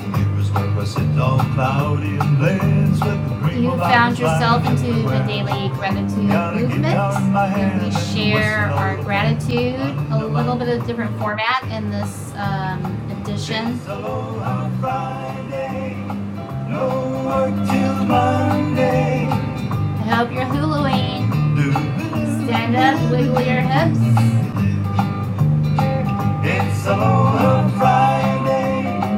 It was purposely all cloudy and blends with the green lights. Hello, on Friday. No work till Monday. Doo-doo-doo-doo. Friday.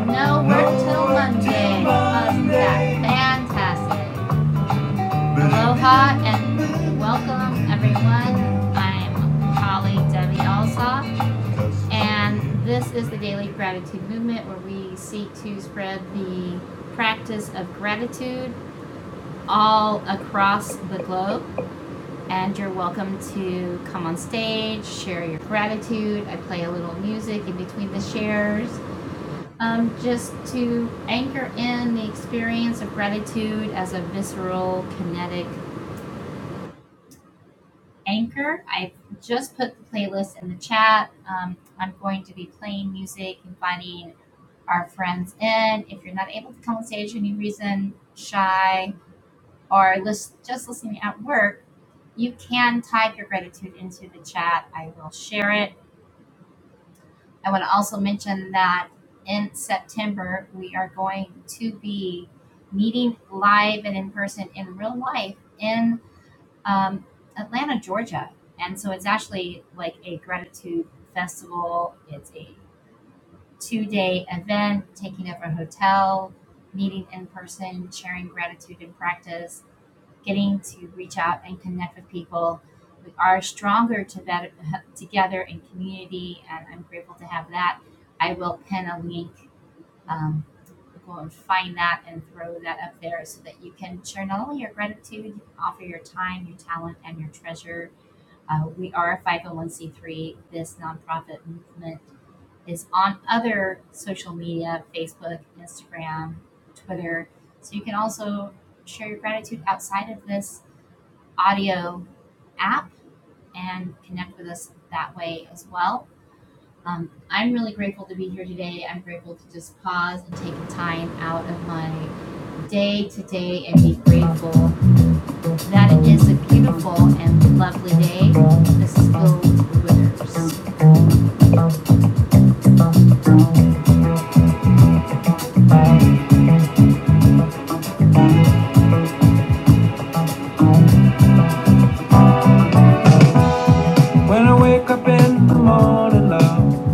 when I wake up in the morning, love,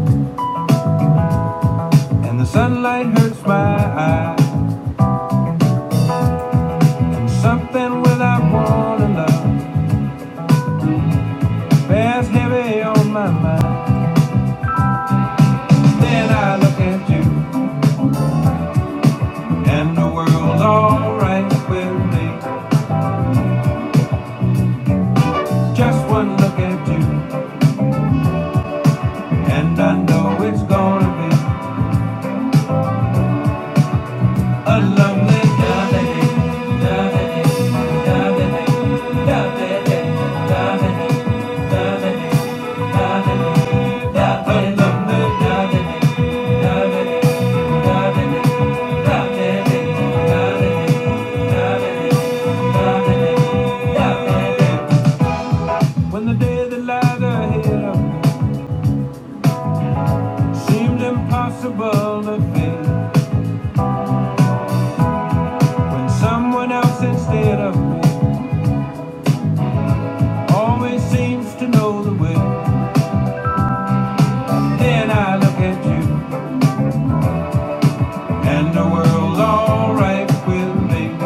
and the sunlight hurts my eyes, and something without warning, love, bears heavy on my mind. Then I look at you. and the world's alright with me. Just one look at you, and I know it's gonna be a lovely lovely lovely lovely lovely lovely lovely lovely. when the day that lies ahead of me Seemed impossible to fail when someone else instead of me always seems to know the way. Then I look at you and the world's alright with me.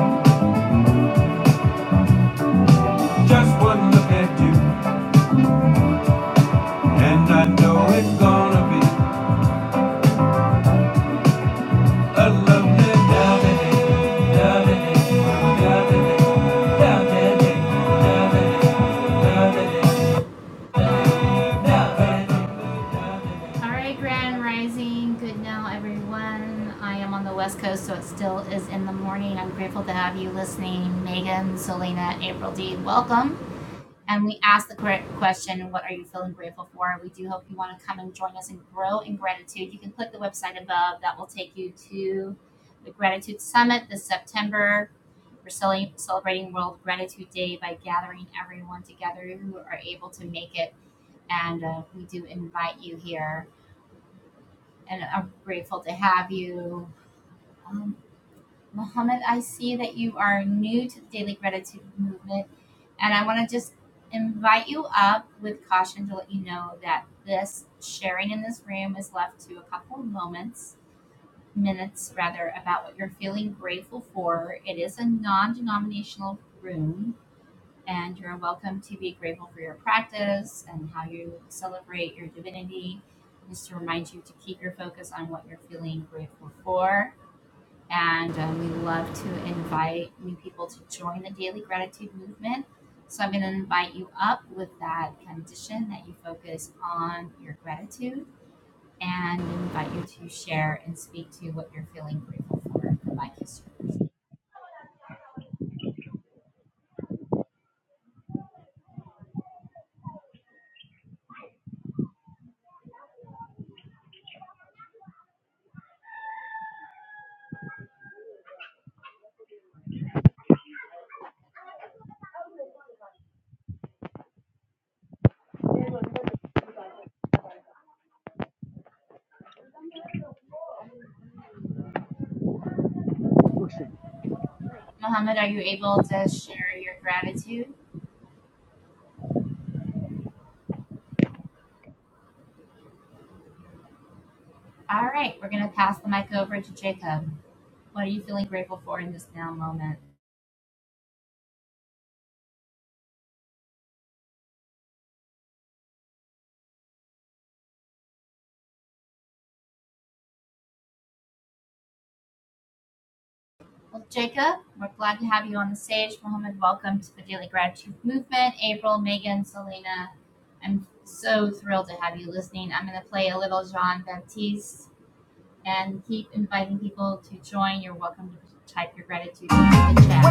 Just one look at you and I know it's gonna be a lovely day. lovely day, lovely day, lovely day, lovely day, lovely day.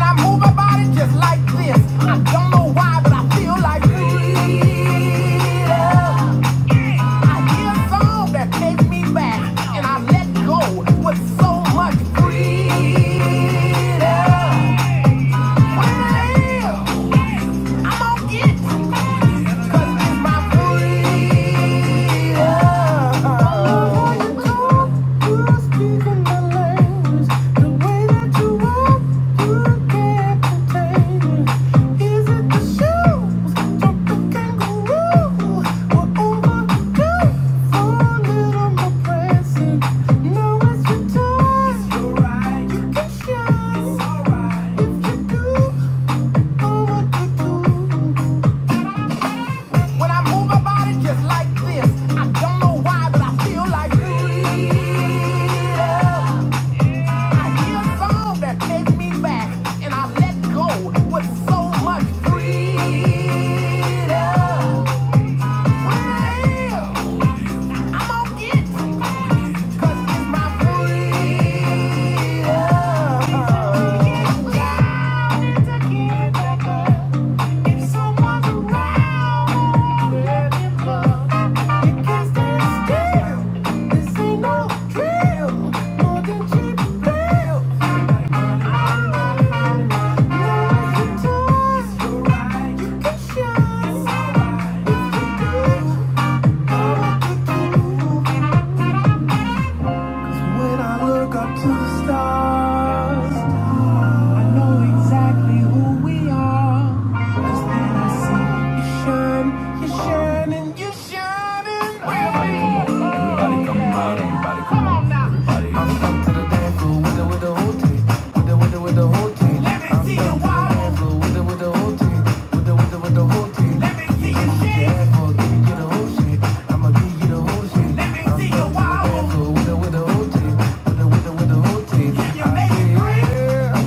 I move my body just like this. I don't know why, but I feel like freedom. I hear a song that takes me back, and I let go with so much freedom. Freedom. It's your right. You can show. It's alright. If you do. When I move my body just like this, I don't know why, but I feel like freedom. I hear a song that takes me back, and I let go with so much freedom. Well, I'm gonna get it, 'cause it's my freedom. Get down to get back If someone's around, let it flow. You can't This ain't no drill. More than cheap thrills. Know what you do. You can shine. If you do, know what to do. When I look up to the stars, I know exactly who we are. 'Cause then I see you shine, you shine, and you shine, and we are. Everybody come out, everybody come on now. I'm up to the dance floor with the with the whole team, with the with the with the whole team. Let me see you wobble. with the with the whole team, with the with the with the whole team. Let me see you Get your shake. ass for, give you the whole shit. I'ma give you the whole shit. Let me see you wobble. with the with the whole team, with the with the with the whole team. you make say, it yeah,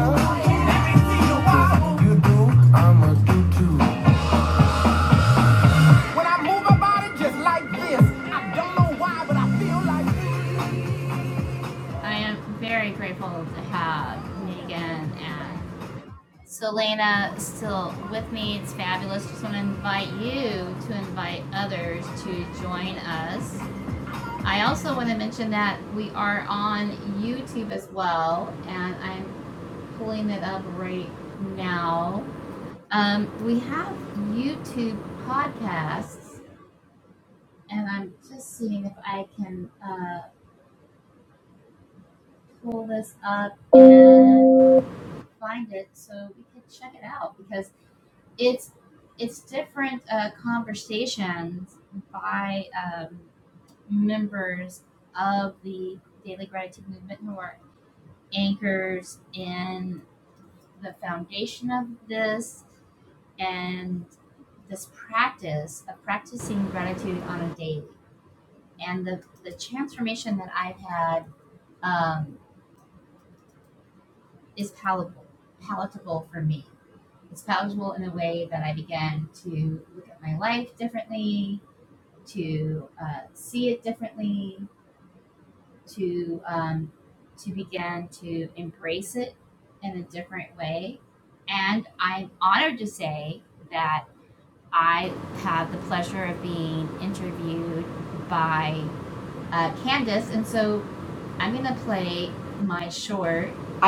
Let me see you wobble. you do, I'ma do too. When I move my body just like this, I don't know why, but I feel like this.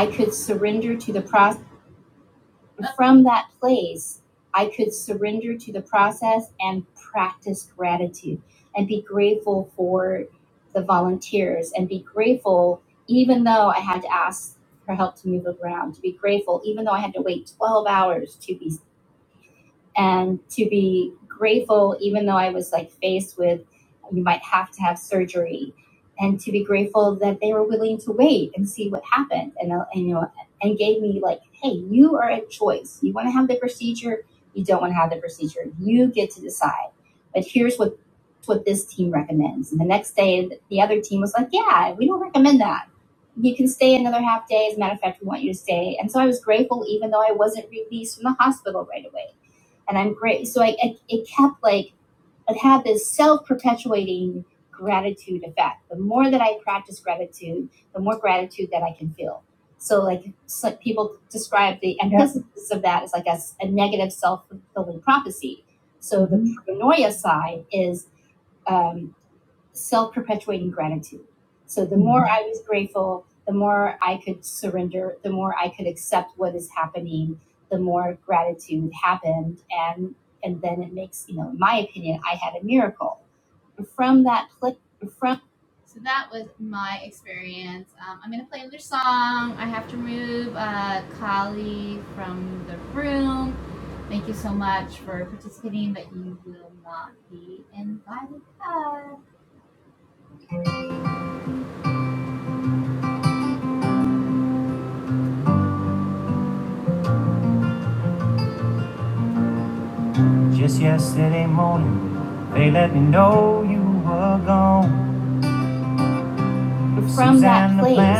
Just yesterday morning, they let me know you were gone.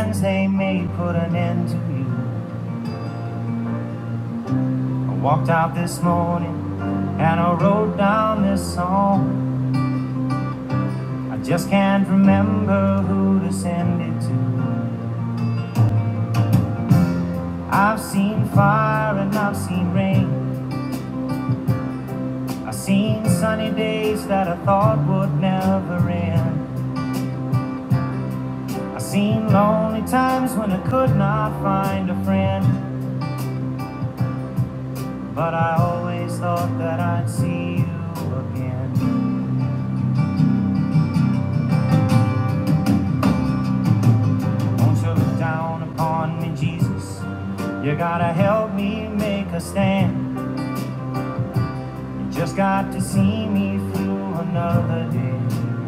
They may put an end to you. I walked out this morning and I wrote down this song. I just can't remember who to send it to. I've seen fire and I've seen rain. I've seen sunny days that I thought would never end. I've seen lonely times when I could not find a friend. But I always thought that I'd see you again. Won't you look down upon me, Jesus? You gotta help me make a stand. You just got to see me through another day.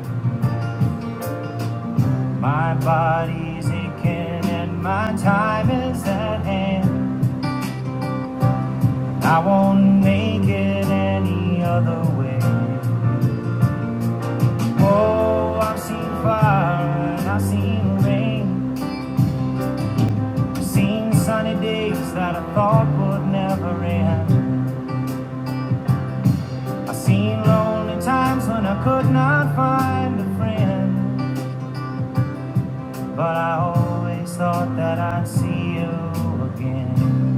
My body's aching and my time is at hand. I won't make it any other way. Oh, I've seen fire and I've seen rain. Seen sunny days that I thought would never end. I seen lonely times when I could not find a friend. But I always thought that I'd see you again.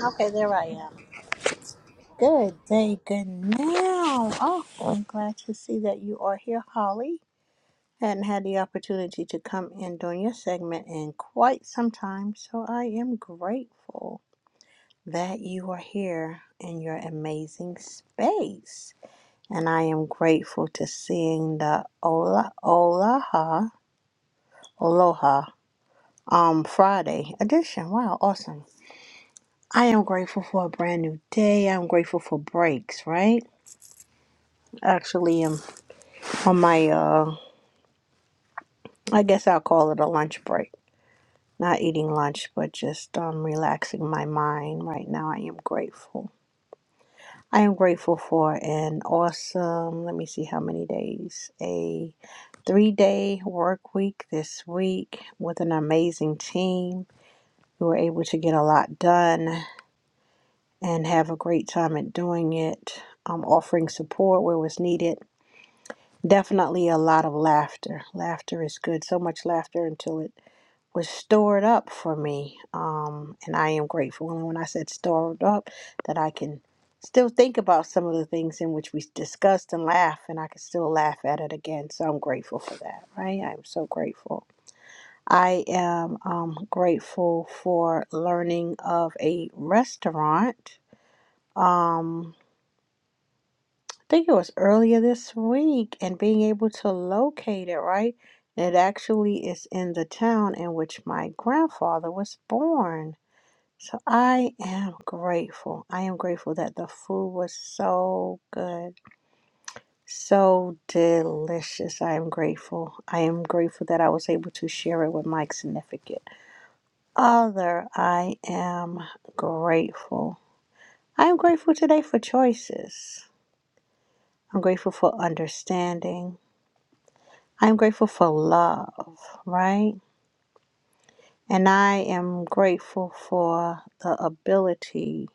Okay, there I am. Good day, good now. Oh, I'm glad to see that you are here, Holly. Hadn't had the opportunity to come in during your segment in quite some time, so I am grateful that you are here in your amazing space. And I am grateful to seeing the Ola Olaha Aloha um Friday edition. Wow, awesome. I am grateful for a brand new day. I'm grateful for breaks, right? Actually, um, on my uh, I guess I'll call it a lunch break. Not eating lunch, but just um, relaxing my mind right now. I am grateful. I am grateful for an awesome. Let me see how many days. A three day work week this week with an amazing team. We were able to get a lot done and have a great time at doing it. Um, offering support where was needed definitely a lot of laughter. Laughter is good. So much laughter until it was stored up for me. Um, and I am grateful. And when I said stored up, that I can still think about some of the things in which we discussed and laugh, and I can still laugh at it again. So I'm grateful for that, right? I'm so grateful. I am um, grateful for learning of a restaurant. Um, I think it was earlier this week, and being able to locate it, right? It actually is in the town in which my grandfather was born. So I am grateful. I am grateful that the food was so good, so delicious. I am grateful. I am grateful that I was able to share it with my significant other. I am grateful. I am grateful today for choices. I'm grateful for understanding. I am grateful for love, right? And I am grateful for the ability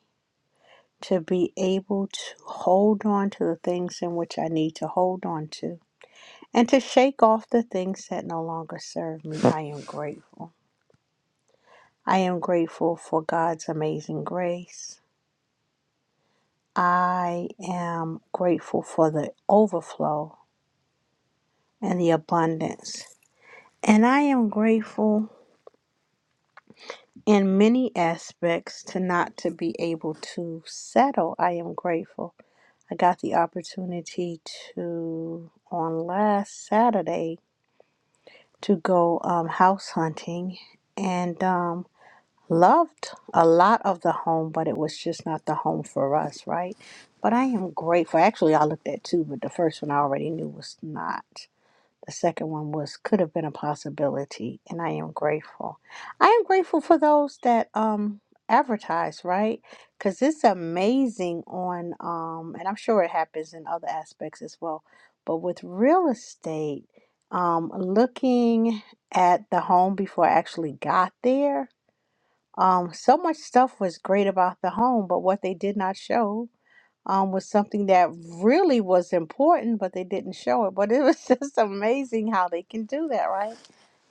to be able to hold on to the things in which I need to hold on to and to shake off the things that no longer serve me. I am grateful. I am grateful for God's amazing grace. I am grateful for the overflow and the abundance. And I am grateful in many aspects to not to be able to settle. I am grateful. I got the opportunity to on last Saturday to go um, house hunting and um, loved a lot of the home, but it was just not the home for us, right? But I am grateful. Actually, I looked at two, but the first one I already knew was not. The second one was could have been a possibility, and I am grateful. I am grateful for those that um advertise, right? Because it's amazing on um, and I'm sure it happens in other aspects as well, but with real estate, um, looking at the home before I actually got there, um, so much stuff was great about the home, but what they did not show um, was something that really was important, but they didn't show it. But it was just amazing how they can do that, right?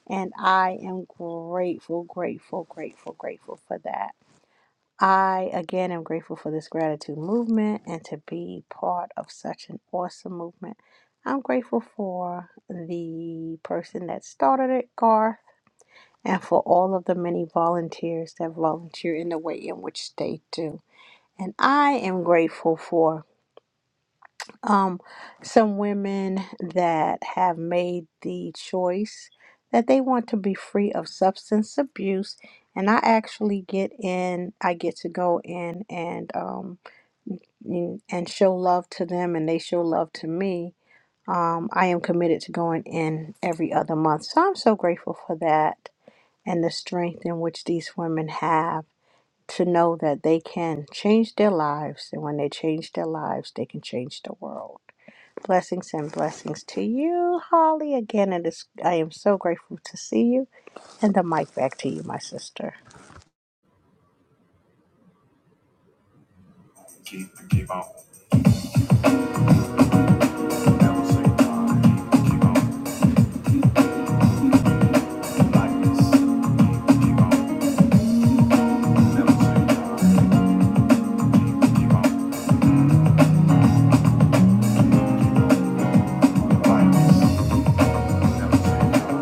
And I am grateful, grateful, grateful, grateful for that. I again am grateful for this gratitude movement and to be part of such an awesome movement. I'm grateful for the person that started it, Garth, and for all of the many volunteers that volunteer in the way in which they do. And I am grateful for um, some women that have made the choice that they want to be free of substance abuse and i actually get in i get to go in and um, mm, and show love to them and they show love to me um, i am committed to going in every other month so i'm so grateful for that and the strength in which these women have to know that they can change their lives and when they change their lives they can change the world Blessings and blessings to you, Holly. Again, it is I am so grateful to see you. And the mic back to you, my sister. Keep, the keep on. Never say die. Keep, the keep on. Like this. Keep, the keep on. Never say die. Keep, the keep on. Like this. Never say die. Keep, keep, keep. on. Never say die. Keep,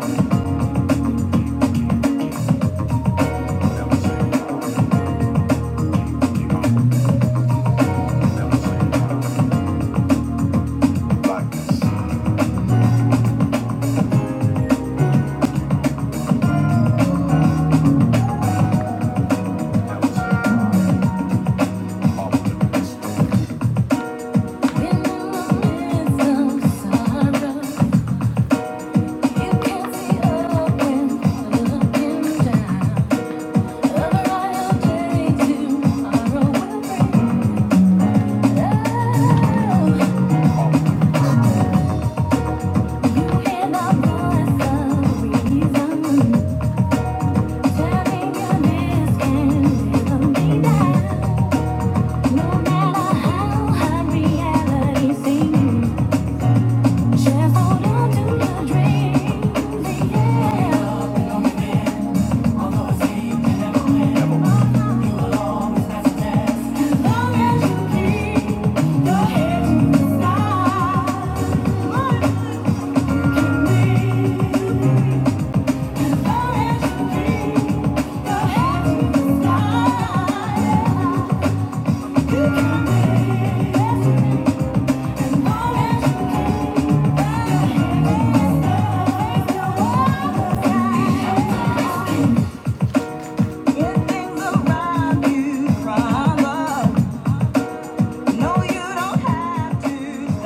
the keep on. Never say die. Thank you Things around you crumble. No, you don't have to.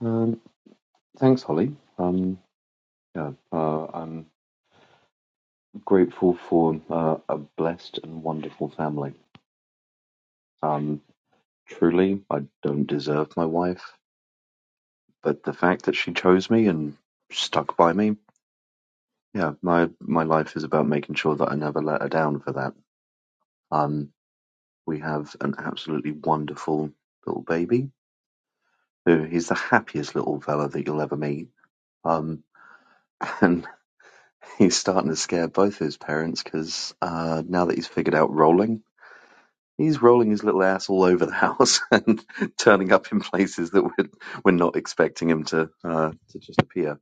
Um, thanks, Holly. Um, yeah, uh, I'm grateful for uh, a blessed and wonderful family. Um, truly, I don't deserve my wife, but the fact that she chose me and stuck by me, yeah, my my life is about making sure that I never let her down for that. Um, we have an absolutely wonderful little baby. who- He's the happiest little fella that you'll ever meet. Um, and he's starting to scare both his parents because uh, now that he's figured out rolling. He's rolling his little ass all over the house and turning up in places that we're, we're not expecting him to uh, to just appear.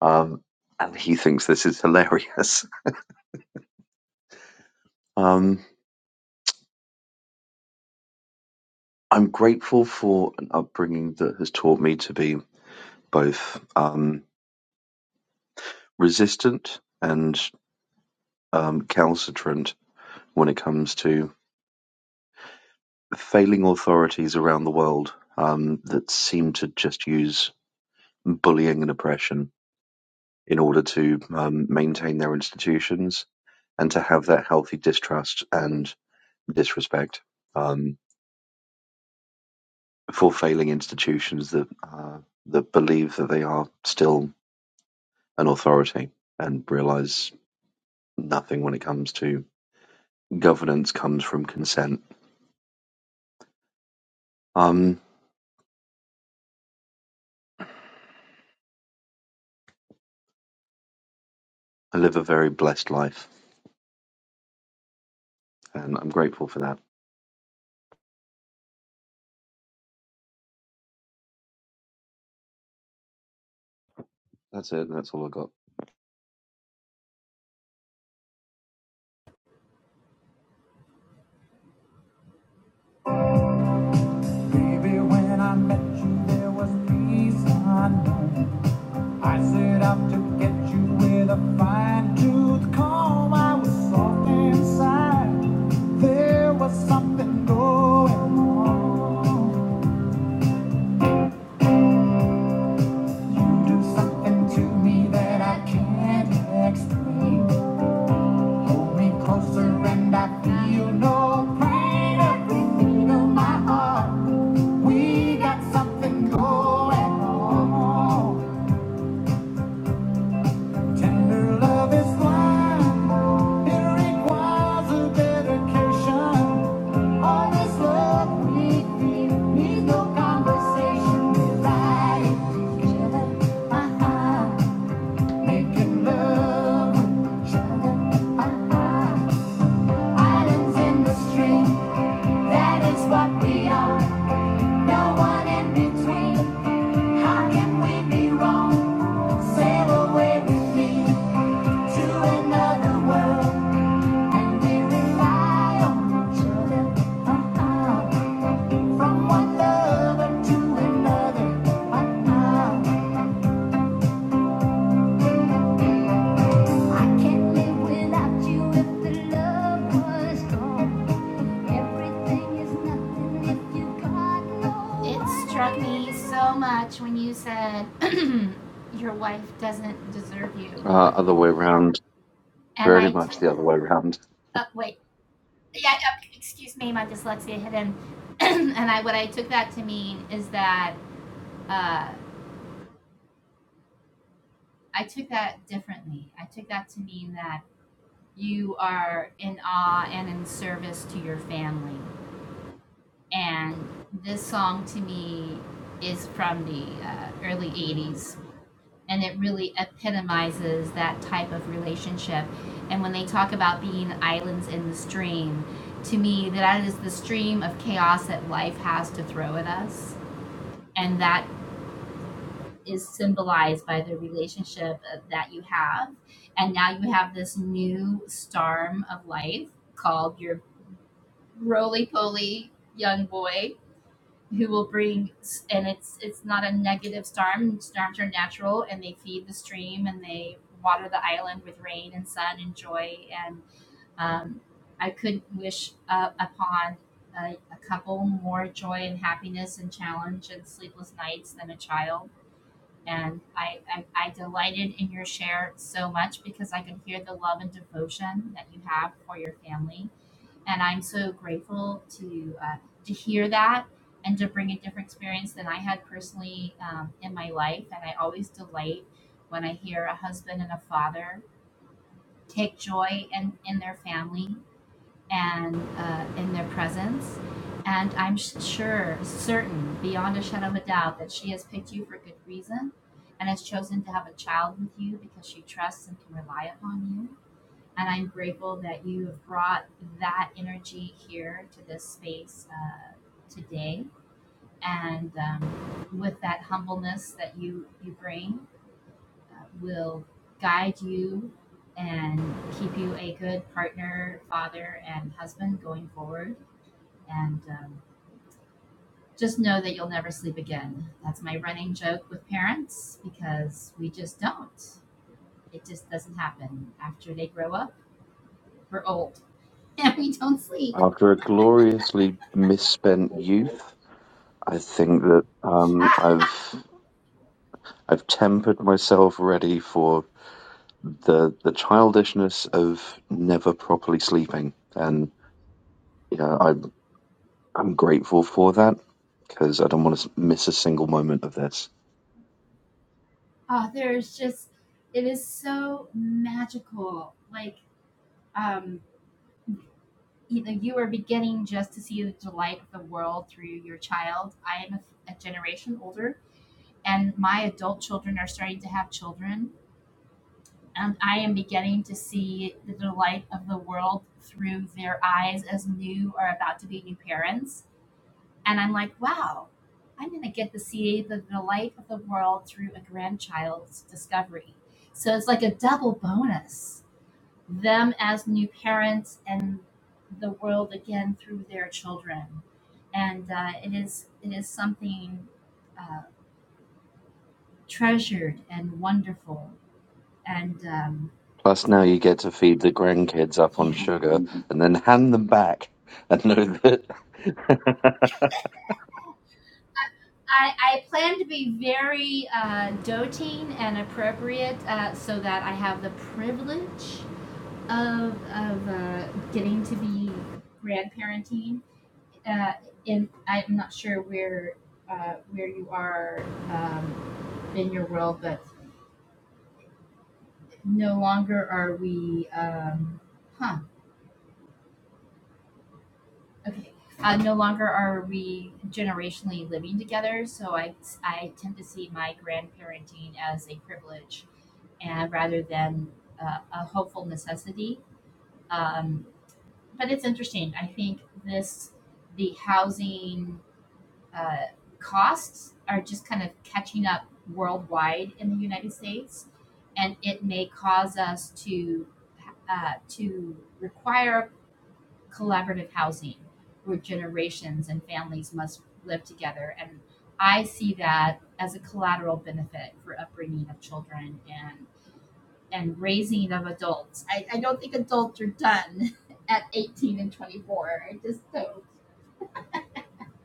Um, and he thinks this is hilarious. Um, I'm grateful for an upbringing that has taught me to be both um, resistant and um, calcitrant when it comes to failing authorities around the world um, that seem to just use bullying and oppression in order to um, maintain their institutions and to have that healthy distrust and disrespect um, for failing institutions that uh, that believe that they are still an authority and realize nothing when it comes to governance comes from consent. Um, I live a very blessed life, and I'm grateful for that. That's it. That's all I got. Baby, when I met you, there was peace unknown. I set out to get you with a fine tooth comb. I was soft inside. There was something going on. You do something to me that I can't explain. Hold me closer and I feel no pain. Every beat of my heart, we got something going on. Tender love is blind. It requires a dedication. All this love we feel no conversation. We ride it together, uh-huh. Making love with each uh-huh. Islands in the stream, that is what we are. No one in between. How can we be wrong? Sail away with me to another world. And we rely on each other, uh-uh. From one lover to another, uh-uh. I can't live without you if the love was gone. Everything is nothing if you got no. Uh, other way round, very much the other way round. After a gloriously misspent youth, I think that um, I've I've tempered myself ready for the the childishness of never properly sleeping, and you know I'm I'm grateful for that because I don't want to miss a single moment of this. Plus, now you get to feed the grandkids up on sugar and then hand them back, and know that.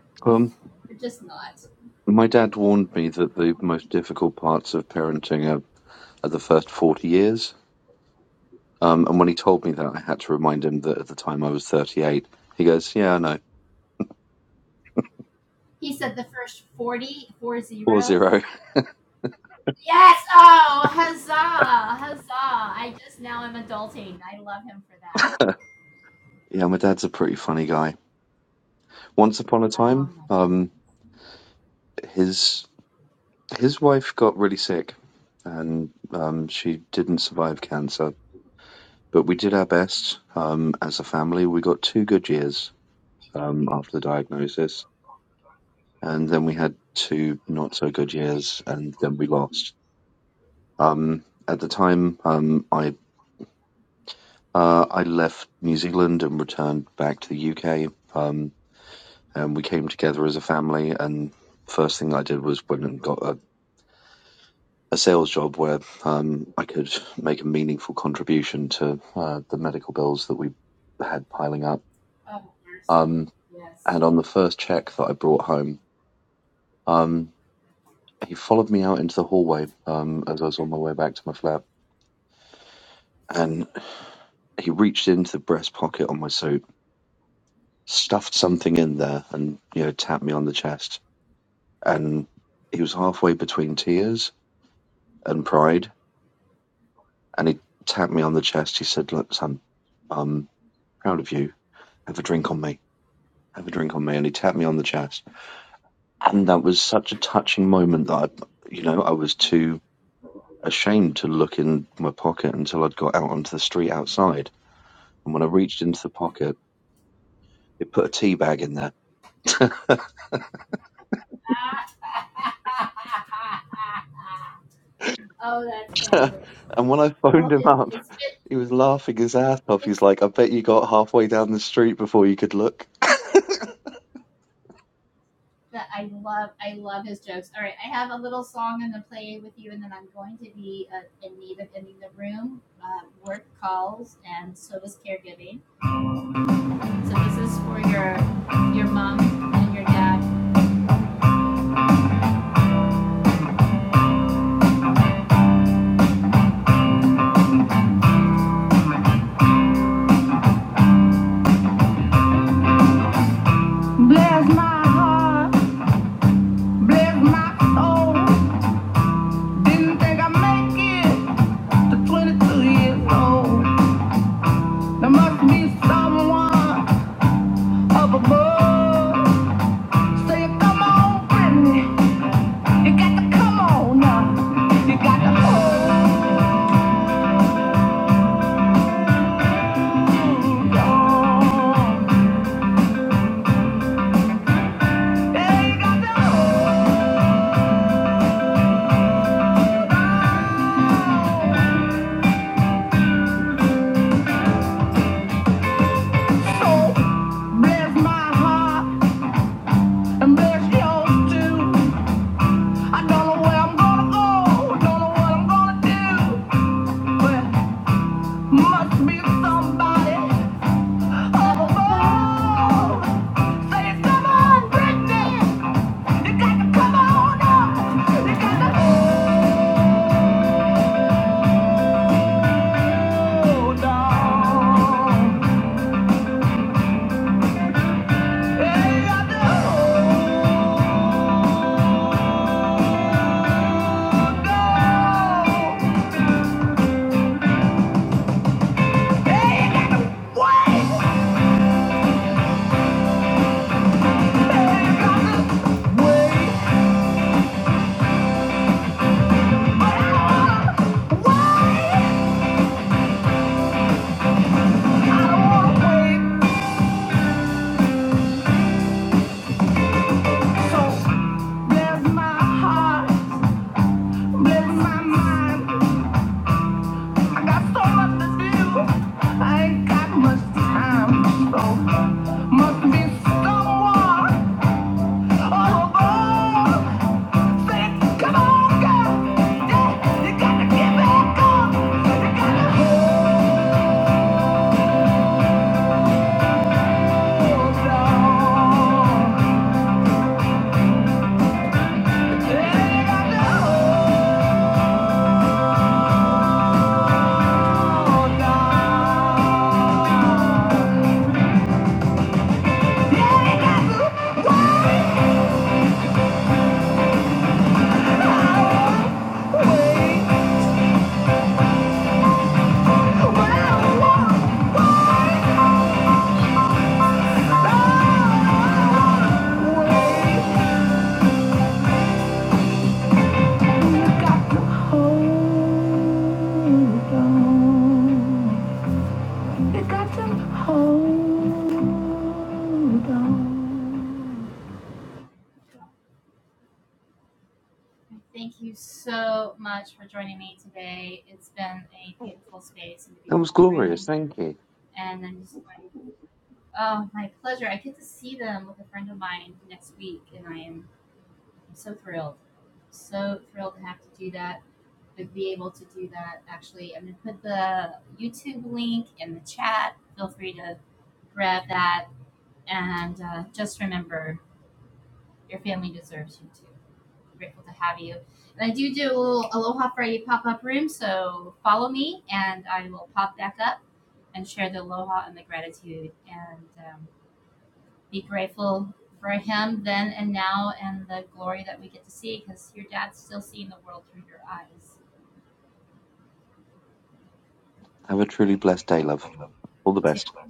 um, my dad warned me that the most difficult parts of parenting are, are the first forty years Um, and when he told me that, I had to remind him that at the time I was 38. He goes, Yeah, I know. Four zero. Yeah, my dad's a pretty funny guy. Once upon a time, um, his his wife got really sick, and um, she didn't survive cancer. But we did our best um, as a family. We got two good years um, after the diagnosis, and then we had two not so good years, and then we lost. Um, at the time, um, I Uh, I left New Zealand and returned back to the UK. Um, and we came together as a family. And first thing I did was went and got a, a sales job where um, I could make a meaningful contribution to uh, the medical bills that we had piling up. Um, and on the first check that I brought home, um, he followed me out into the hallway um, as I was on my way back to my flat. And he reached into the breast pocket on my suit, stuffed something in there, and you know tapped me on the chest and he was halfway between tears and pride, and he tapped me on the chest. He said, "Look, son, I'm proud of you. Have a drink on me. Have a drink on me." And he tapped me on the chest, and that was such a touching moment that I, you know, I was too ashamed to look in my pocket until I'd got out onto the street outside. And when I reached into the pocket, it put a tea bag in there. and when I phoned him up, he was laughing his ass off. He's like, "I bet you got halfway down the street before you could look." Didn't think I'd make it to 22 years old. There must be someone up above. Say, come on, Brittany, you got to come on now. You got to hold. Must be someone all alone. Come on, girl. Yeah, you gotta get back up. You gotta hold on. Yeah, you gotta hold on. Whatever you want, you got to hold on. You got to hold That was glorious, thank you. Have a truly blessed day, love. All the best. on.